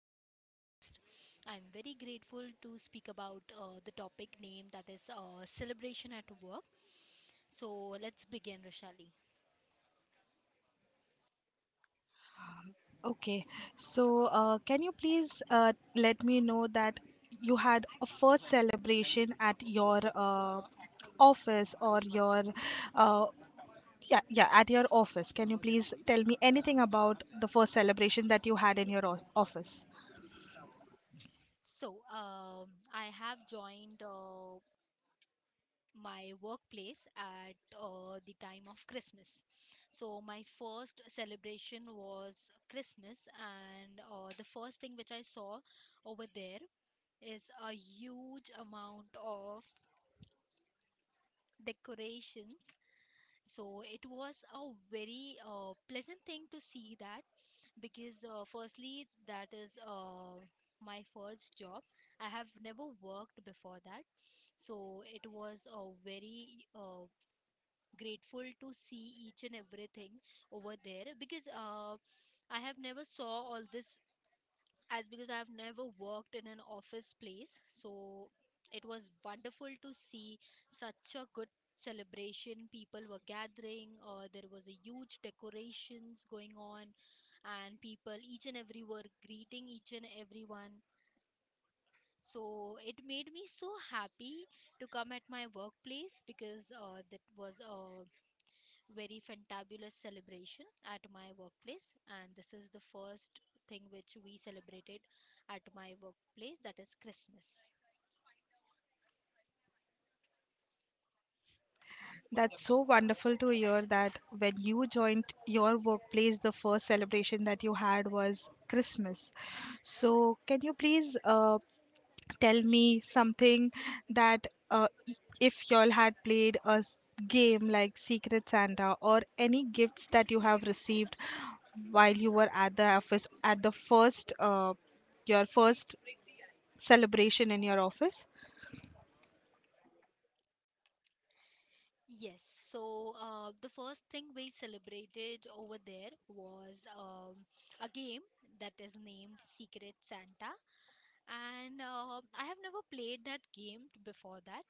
to this podcast. I'm very grateful to speak about the topic name, that is celebration at work. So, let's begin, Roshali. Okay, so can you please let me know that you had a first celebration at your office or your uh, Yeah, yeah, at your office. Can you please tell me anything about the first celebration that you had in your office? So, um, I have joined my workplace at the time of Christmas. So, my first celebration was Christmas, and the first thing which I saw over there is a huge amount of decorations. So it was a very pleasant thing to see that, because firstly, that is my first job. I have never worked before that, so it was a very grateful to see each and everything over there, because I have never saw all this, as because I've never worked in an office place. So it was wonderful to see such a good celebration. People were gathering, there was a huge decorations going on, and people each and every were greeting each and everyone. So it made me so happy to come at my workplace, because that was a very fantabulous celebration at my workplace, and this is the first thing which we celebrated at my workplace, that is Christmas. That's so wonderful to hear that when you joined your workplace, the first celebration that you had was Christmas. So, can you please tell me something that if y'all had played a game like Secret Santa or any gifts that you have received while you were at the office at the first your first celebration in your office. Yes, so the first thing we celebrated over there was a game that is named Secret Santa, and I have never played that game before that,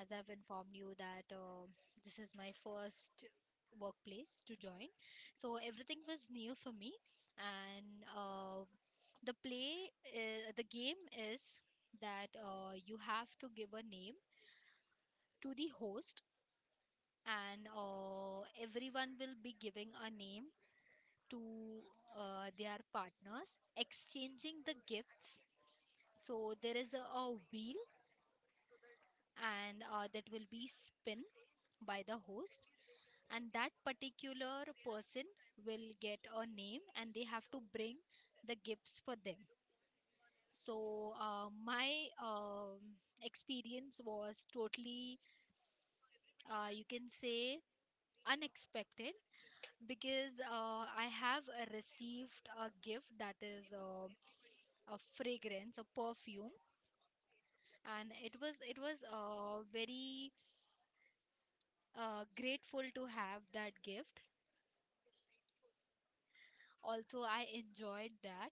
as I've informed you that this is my first workplace to join, so everything was new for me, and the play, the game is that you have to give a name to the host, and everyone will be giving a name to their partners, exchanging the gifts. So there is a wheel, and that will be spin by the host, and that particular person will get a name and they have to bring the gifts for them. So my experience was totally you can say unexpected, because I have received a gift that is a fragrance, a perfume, and it was very grateful to have that gift. Also, I enjoyed that.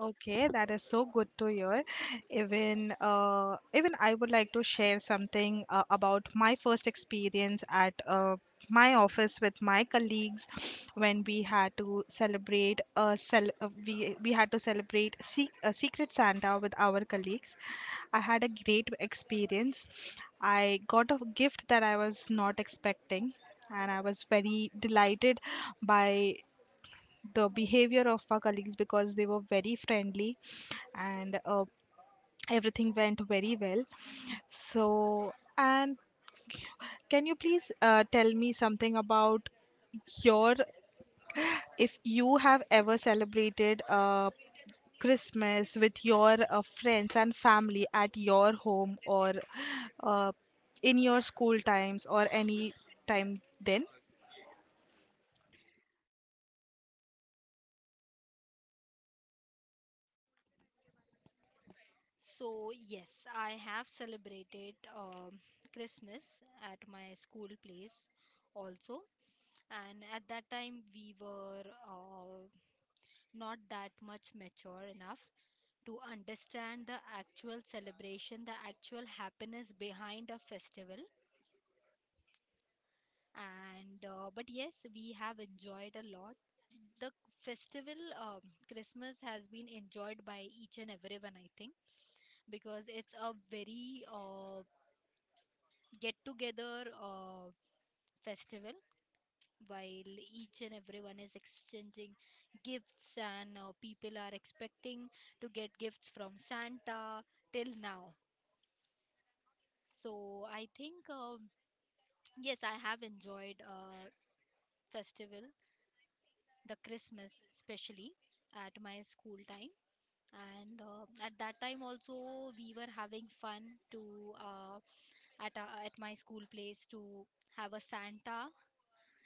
Okay, that is so good to hear. Even even I would like to share something about my first experience at my office with my colleagues when we had to celebrate a cel- we had to celebrate a secret Santa with our colleagues. I had a great experience. I got a gift that I was not expecting, and I was very delighted by the behavior of our colleagues because they were very friendly and everything went very well. So, and can you please tell me something about your if you have ever celebrated Christmas with your friends and family at your home or uh, in your school times or any time then? So yes, I have celebrated Christmas at my school place also, and at that time we were uh, not that much mature enough to understand the actual celebration, the actual happiness behind a festival. And but yes, we have enjoyed a lot. The festival, Christmas, has been enjoyed by each and everyone, I think, because it's a very get together festival, while each and everyone is exchanging gifts, and people are expecting to get gifts from Santa till now. So I think yes, I have enjoyed festival, the Christmas especially, at my school time. And at that time also we were having fun to uh, at my school place to have a Santa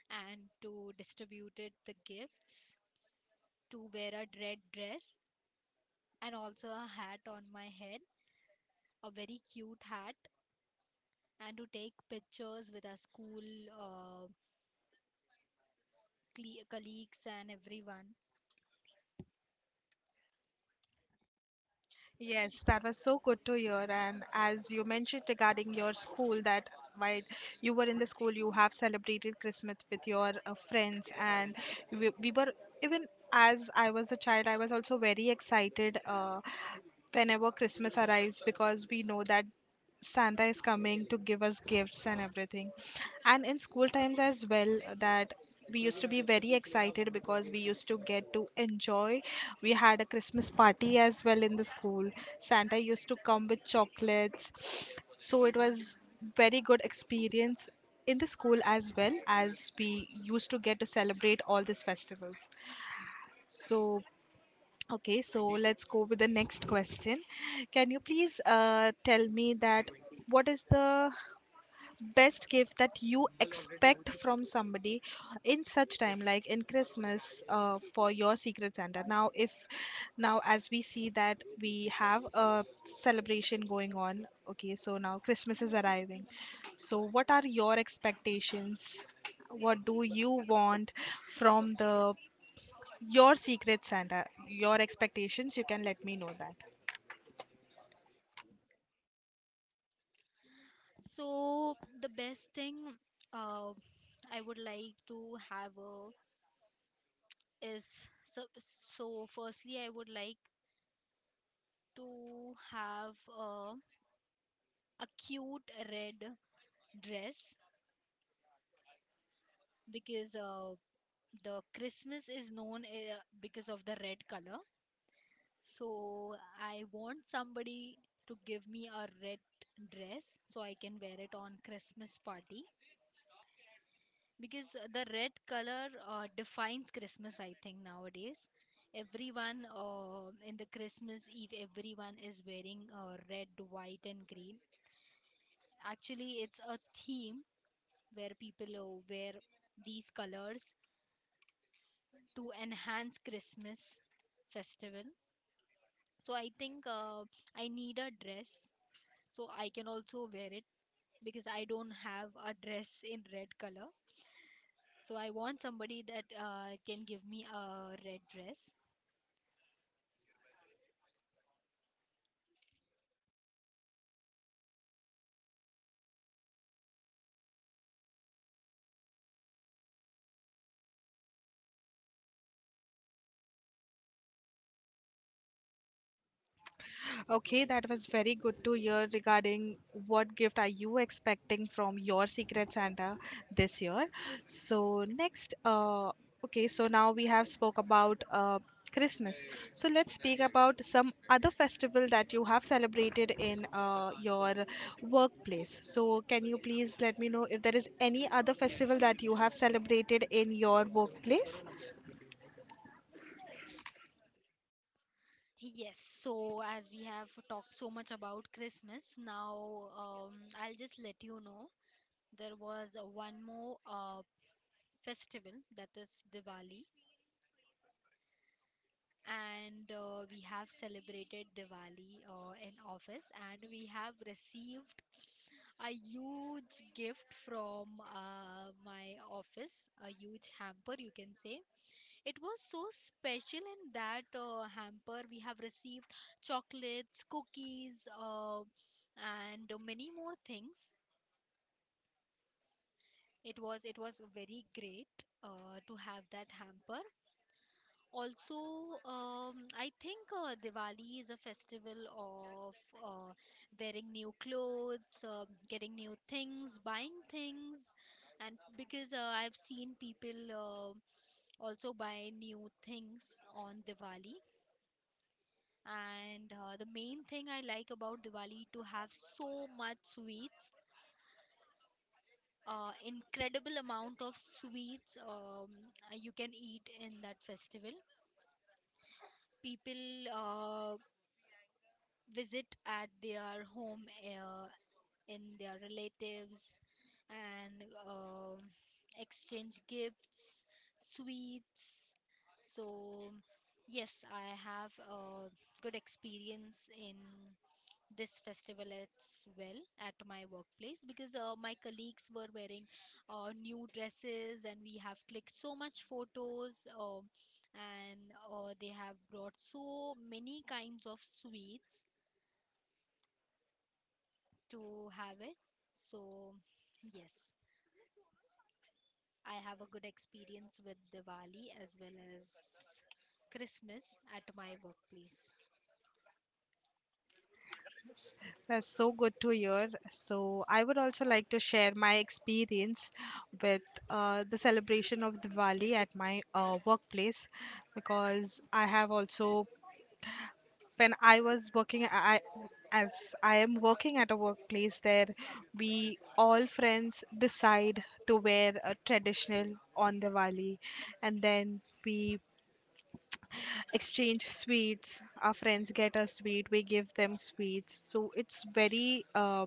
and to distribute it the gifts, to wear a red dress and also a hat on my head, a very cute hat, and to take pictures with our school uh, colleagues and everyone. Yes, that was so good to hear. And as you mentioned regarding your school, that while you were in the school, you have celebrated Christmas with your friends, and we were even as I was a child, I was also very excited whenever Christmas arrives because we know that Santa is coming to give us gifts and everything. And in school times as well, that we used to be very excited because we used to get to enjoy. We had a Christmas party as well in the school. Santa used to come with chocolates. So it was very good experience in the school as well as we used to get to celebrate all these festivals. So okay, so let's go with the next question. Can you please tell me that what is the best gift that you expect from somebody in such time like in Christmas for your Secret Santa now if now as we see that we have a celebration going on. Okay, so now Christmas is arriving, so what are your expectations? What do you want from the your Secret Santa? Your expectations, you can let me know that. So the best thing uh, I would like to have is, so, so firstly I would like to have a cute red dress, because the Christmas is known because of the red color. So I want somebody to give me a red dress so I can wear it on Christmas party, because the red color defines Christmas. I think nowadays everyone in the Christmas eve, everyone is wearing red, white and green. Actually, it's a theme where people wear these colors to enhance Christmas festival. So I think I need a dress so I can also wear it, because I don't have a dress in red color. So I want somebody that can give me a red dress. Okay, that was very good to hear regarding what gift are you expecting from your Secret Santa this year. So next, okay, so now we have spoke about Christmas. So let's speak about some other festival that you have celebrated in your workplace. So can you please let me know if there is any other festival that you have celebrated in your workplace? Yes, so as we have talked so much about Christmas, now I'll just let you know, there was one more festival, that is Diwali, and we have celebrated Diwali in office, and we have received a huge gift from my office, a huge hamper, you can say. It was so special in that hamper. We have received chocolates, cookies, and many more things. It was very great to have that hamper. Also, I think Diwali is a festival of uh, wearing new clothes, getting new things, buying things, and because I've seen people also buy new things on Diwali. And the main thing I like about Diwali to have so much sweets, incredible amount of sweets, you can eat in that festival. People visit at their home in their relatives, and exchange gifts, sweets. So yes, I have a good experience in this festival as well at my workplace, because my colleagues were wearing new dresses, and we have clicked so much photos, and they have brought so many kinds of sweets to have it. So yes, I have a good experience with Diwali as well as Christmas at my workplace. That's so good to hear. So, I would also like to share my experience with the celebration of Diwali at my workplace because I have also, when I was working, I as I am working at a workplace there, we all friends decide to wear a traditional on Diwali, and then we exchange sweets. Our friends get us sweet, we give them sweets, so it's very uh,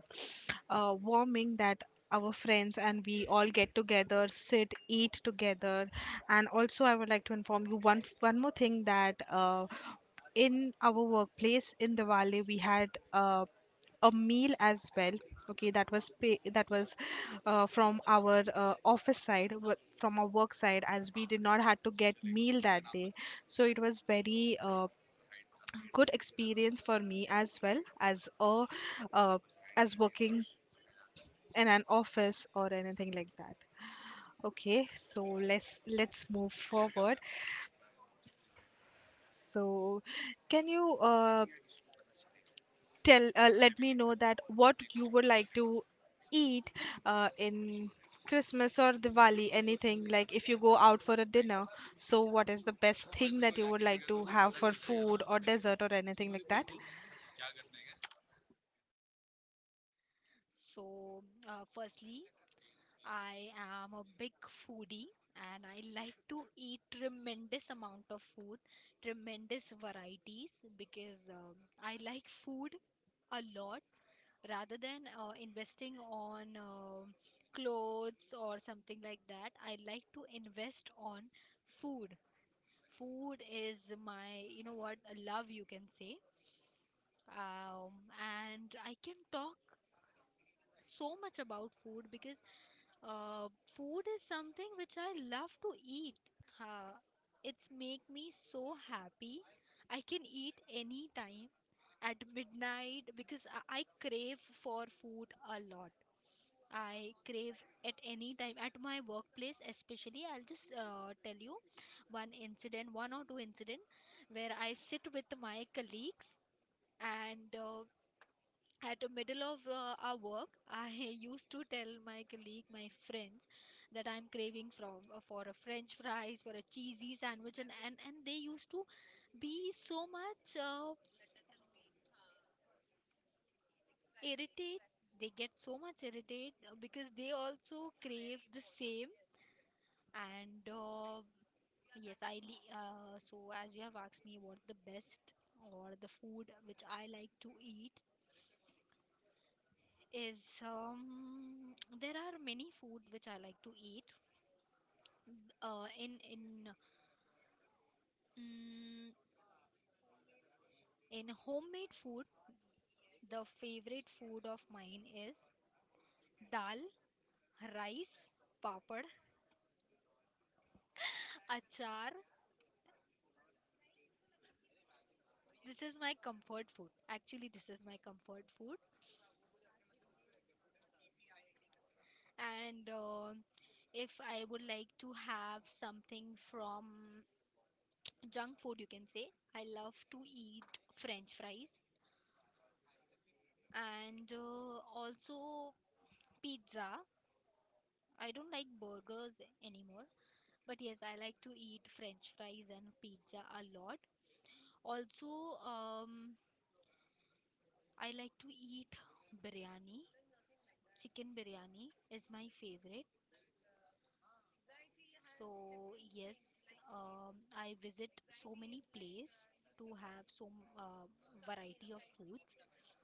uh, warming that our friends and we all get together, sit, eat together. And also I would like to inform you one more thing, that in our workplace in the valley we had a meal as well. Okay, that was from our office side, from our work side, as we did not had to get meal that day. So it was very good experience for me as well as a uh, as working in an office or anything like that. Okay, so let's move forward. So can you tell let me know that what you would like to eat in Christmas or Diwali, anything like if you go out for a dinner. So what is the best thing that you would like to have for food or dessert or anything like that? So firstly, I am a big foodie, and I like to eat tremendous amount of food, tremendous varieties, because I like food a lot rather than investing on clothes or something like that. I like to invest on food. Food is my, you know what, love, you can say. Um, and I can talk so much about food because uh, food is something which I love to eat. Uh, it's make me so happy. I can eat any time at midnight, because I crave for food a lot. I crave at any time at my workplace, especially. I'll just tell you one incident, one or two incident, where I sit with my colleagues, and at the middle of our work, I used to tell my colleague, my friends, that I'm craving from for a french fries, for a cheesy sandwich, and they used to be so much irritate, they get so much irritated because they also crave the same. And yes, so as you have asked me what the best or the food which I like to eat is, um, there are many food which I like to eat, in mm, in homemade food, the favorite food of mine is dal, rice, papad, achar. This is my comfort food. Actually, this is my comfort food. And if I would like to have something from junk food, you can say, I love to eat French fries, and also pizza. I don't like burgers anymore. But yes, I like to eat French fries and pizza a lot. Also, I like to eat biryani. Chicken biryani is my favorite. So yes, I visit so many places to have so uh, variety of foods.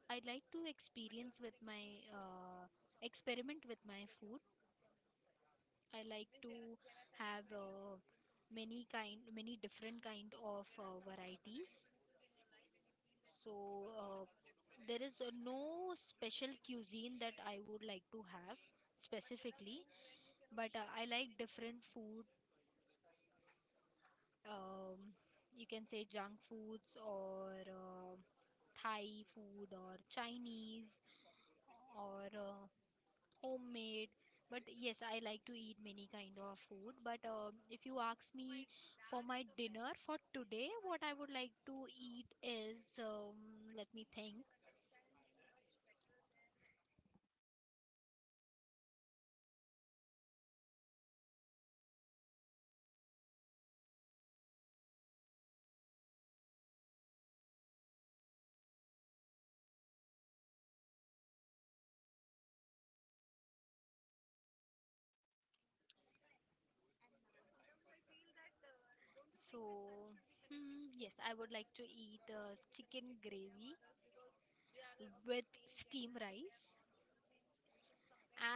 I like to experience with my experiment with my food. I like to have many different kind of varieties. So there is no special cuisine that I would like to have specifically, but I like different food. Um, you can say junk foods, or Thai food, or Chinese, or homemade. But yes, I like to eat many kind of food. But if you ask me for my dinner for today, what I would like to eat is, let me think. So, hmm, yes, I would like to eat chicken gravy with steam rice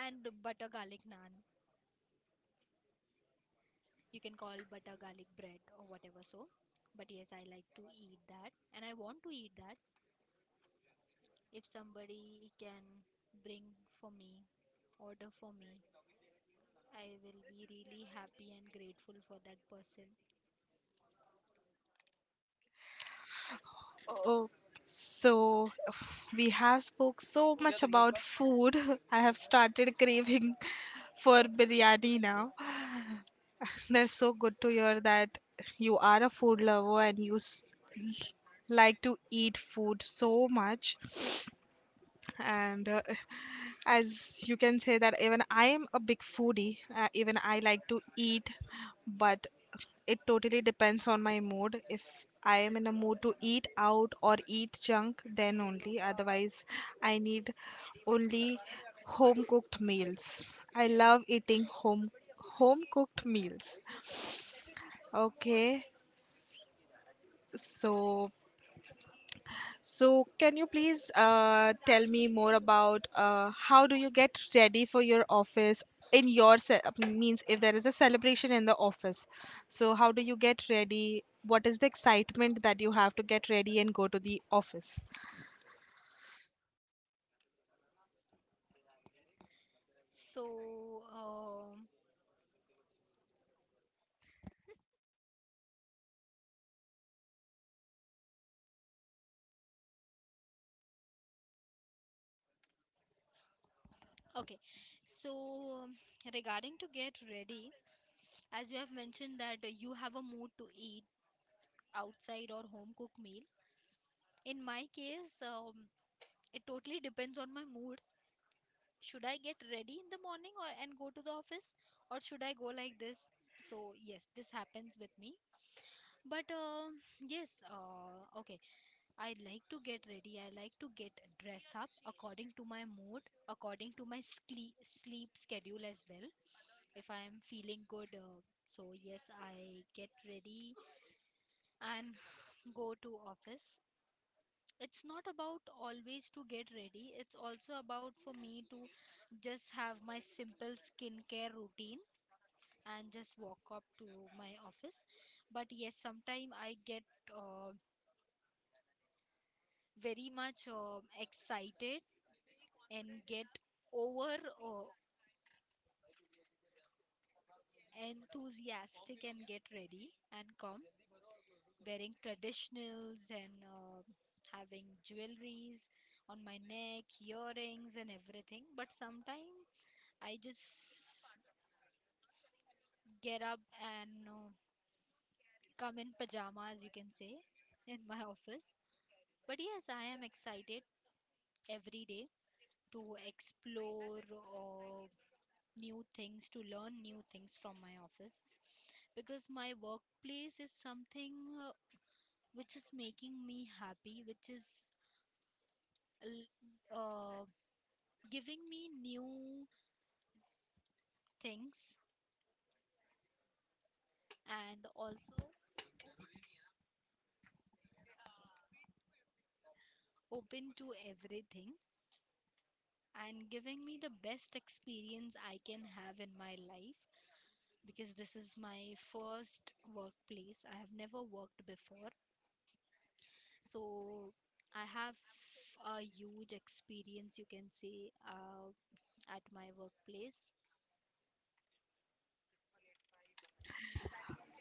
and butter garlic naan. You can call butter garlic bread or whatever, so. But yes, I like to eat that, and I want to eat that. If somebody can bring for me, order for me, I will be really happy and grateful for that person. Oh, so we have spoke so much about food, I have started craving for biryani now. That's so good to hear that you are a food lover and you like to eat food so much. And as you can say that even I am a big foodie. Even I like to eat, but it totally depends on my mood. If I am in a mood to eat out or eat junk, then only. Otherwise, I need only home cooked meals. I love eating home cooked meals. Okay, so, so can you please tell me more about how do you get ready for your office in your means if there is a celebration in the office? So how do you get ready? What is the excitement that you have to get ready and go to the office? So, um, okay. So, um, regarding to get ready, as you have mentioned that you have a mood to eat outside or home cooked meal, in my case, it totally depends on my mood, should I get ready in the morning or and go to the office, or should I go like this. So yes, this happens with me. But yes, okay, I like to get ready, I like to get dress up according to my mood, according to my sleep schedule as well. If I am feeling good, so yes, I get ready and go to office. It's not about always to get ready, it's also about for me to just have my simple skincare routine and just walk up to my office. But yes, sometimes I get uh, very much excited and get over uh, enthusiastic and get ready and come wearing traditionals, and having jewelries on my neck, earrings, and everything. But sometimes I just get up and come in pajamas, you can say, in my office. But yes, I am excited every day to explore new things, to learn new things from my office because my workplace is something uh, which is making me happy, which is l- uh, giving me new things and also open to everything and giving me the best experience I can have in my life because this is my first workplace. I have never worked before. So I have a huge experience, you can say, at my workplace.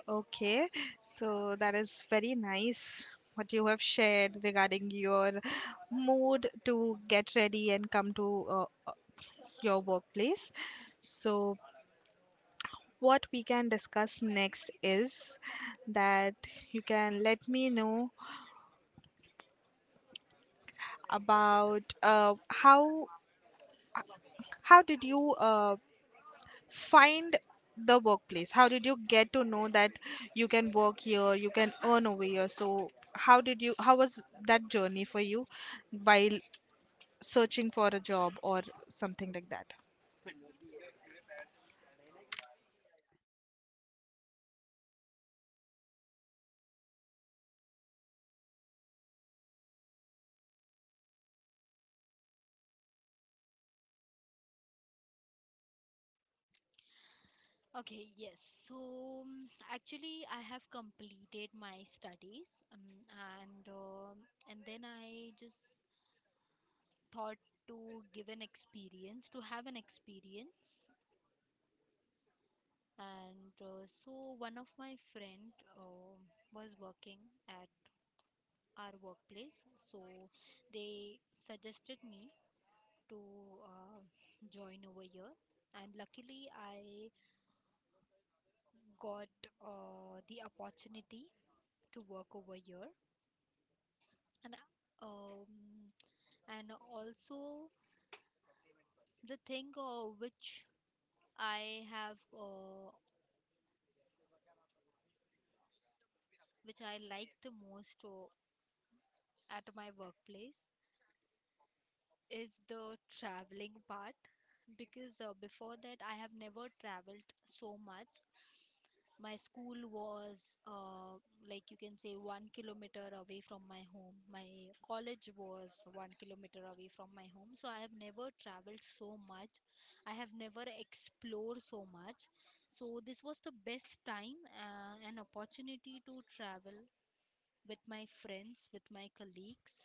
Okay, so that is very nice what you have shared regarding your mood to get ready and come to your workplace. So what we can discuss next is that you can let me know about how did you find the workplace? How did you get to know that you can work here, you can earn over here? So how did you, how was that journey for you while searching for a job or something like that? Okay, yes. So actually, I have completed my studies, and and then I just thought to give an experience to have an experience and so one of my friend was working at our workplace, so they suggested me to uh, join over here, and luckily I got the opportunity to work over here and um, and also the thing which I have which I like the most at my workplace is the traveling part because before that I have never traveled so much. My school was like you can say 1 kilometer away from my home. My college was 1 kilometer away from my home. So I have never traveled so much. I have never explored so much. So this was the best time, an opportunity to travel with my friends, with my colleagues,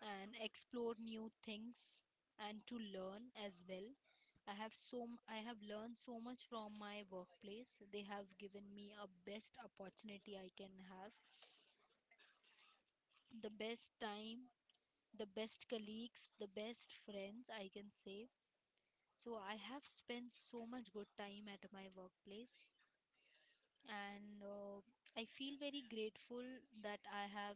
and explore new things and to learn as well. I have learned so much from my workplace. They have given me a best opportunity I can have, the best time, the best colleagues, the best friends I can say. So I have spent so much good time at my workplace, and I feel very grateful that I have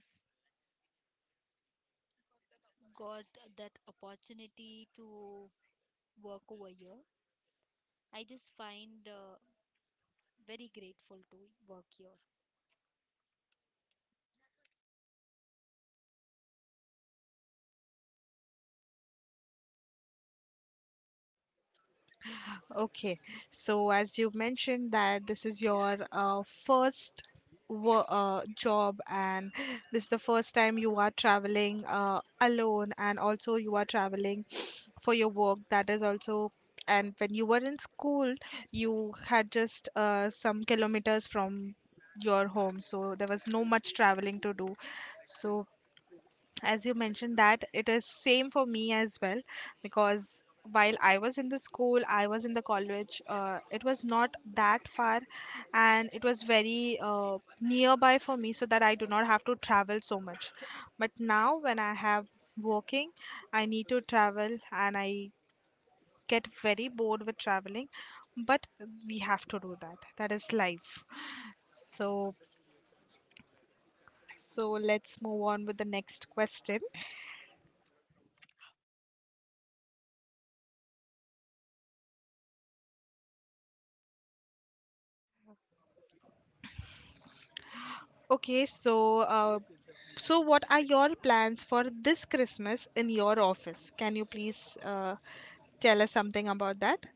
got that opportunity to work over here. I just find very grateful to work here. Okay, so as you mentioned that this is your first job and this is the first time you are traveling alone and also you are traveling for your work. That is also, and when you were in school, you had just some kilometers from your home, so there was no much traveling to do. So as you mentioned that it is same for me as well, because while I was in the school, I was in the college, it was not that far and it was very nearby for me, so that I do not have to travel so much. But now when I have working, I need to travel and I get very bored with traveling, but we have to do that, that is life. So so let's move on with the next question. Okay, so so what are your plans for this Christmas in your office? Can you please tell us something about that?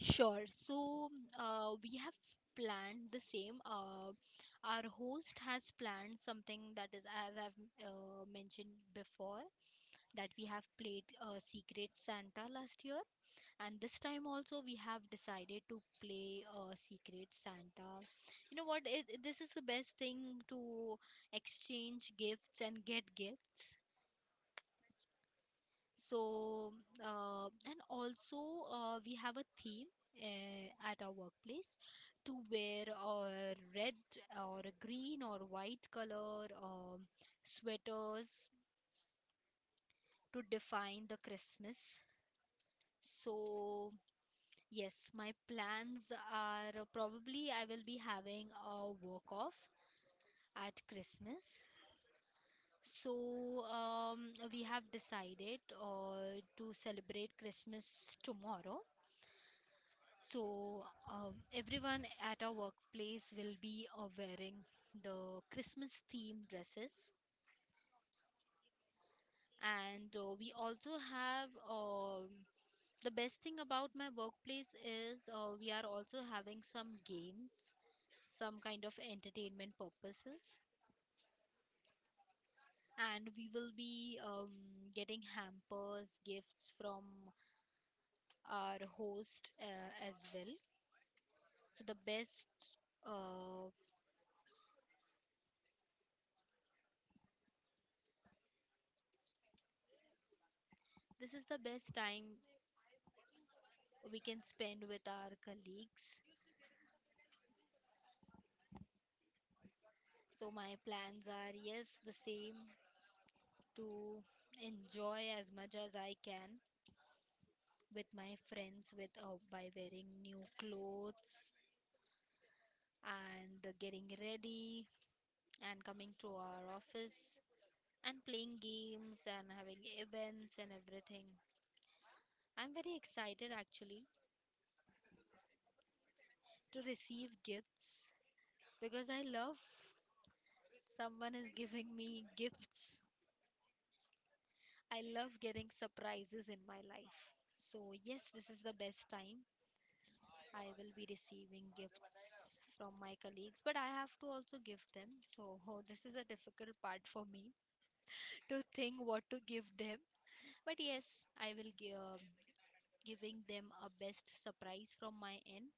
Sure. So we have planned the same. Our host has planned something that is, as I've mentioned before, that we have played Secret Santa last year, and this time also we have decided to play Secret Santa. You know what? This is the best thing to exchange gifts and get gifts. So and also we have a theme at our workplace to wear a red or a green or white color sweaters to define the Christmas. So yes, my plans are, probably I will be having a walk off at Christmas. So we have decided to celebrate Christmas tomorrow. So everyone at our workplace will be wearing the Christmas themed dresses, and we also have the best thing about my workplace is we are also having some games, some kind of entertainment purposes, and we will be getting hampers, gifts from our host as well. So the best. Uh, this is the best time we can spend with our colleagues. So my plans are, yes, the same, to enjoy as much as I can with my friends, with by wearing new clothes and getting ready and coming to our office and playing games and having events and everything. I'm very excited actually to receive gifts because I love someone is giving me gifts. I love getting surprises in my life. So yes, this is the best time. I will be receiving gifts from my colleagues, but I have to also give them. So, this is a difficult part for me to think what to give them. But yes, I will give giving them a best surprise from my end.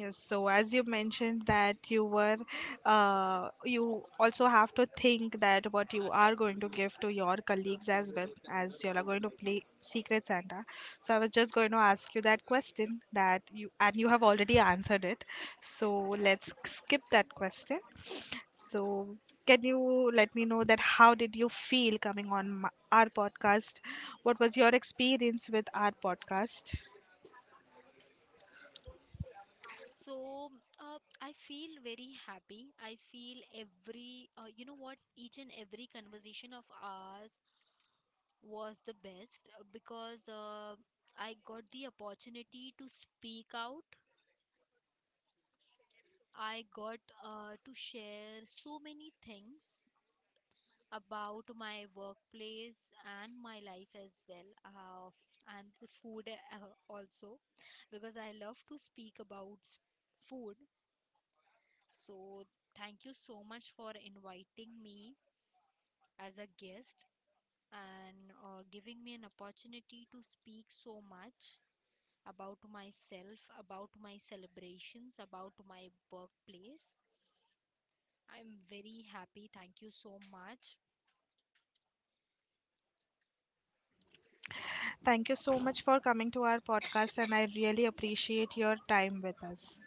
Yes, so as you mentioned that you were, you also have to think that what you are going to give to your colleagues as well, as you are going to play Secret Santa. So I was just going to ask you that question that you, and you have already answered it. So let's skip that question. So can you let me know that how did you feel coming on our podcast? What was your experience with our podcast? So, I feel very happy. I feel every, you know what, each and every conversation of ours was the best because I got the opportunity to speak out. I got to share so many things about my workplace and my life as well, and the food also, because I love to speak about food. So, thank you so much for inviting me as a guest and giving me an opportunity to speak so much about myself, about my celebrations, about my workplace. I'm very happy. Thank you so much. Thank you so much for coming to our podcast, and I really appreciate your time with us.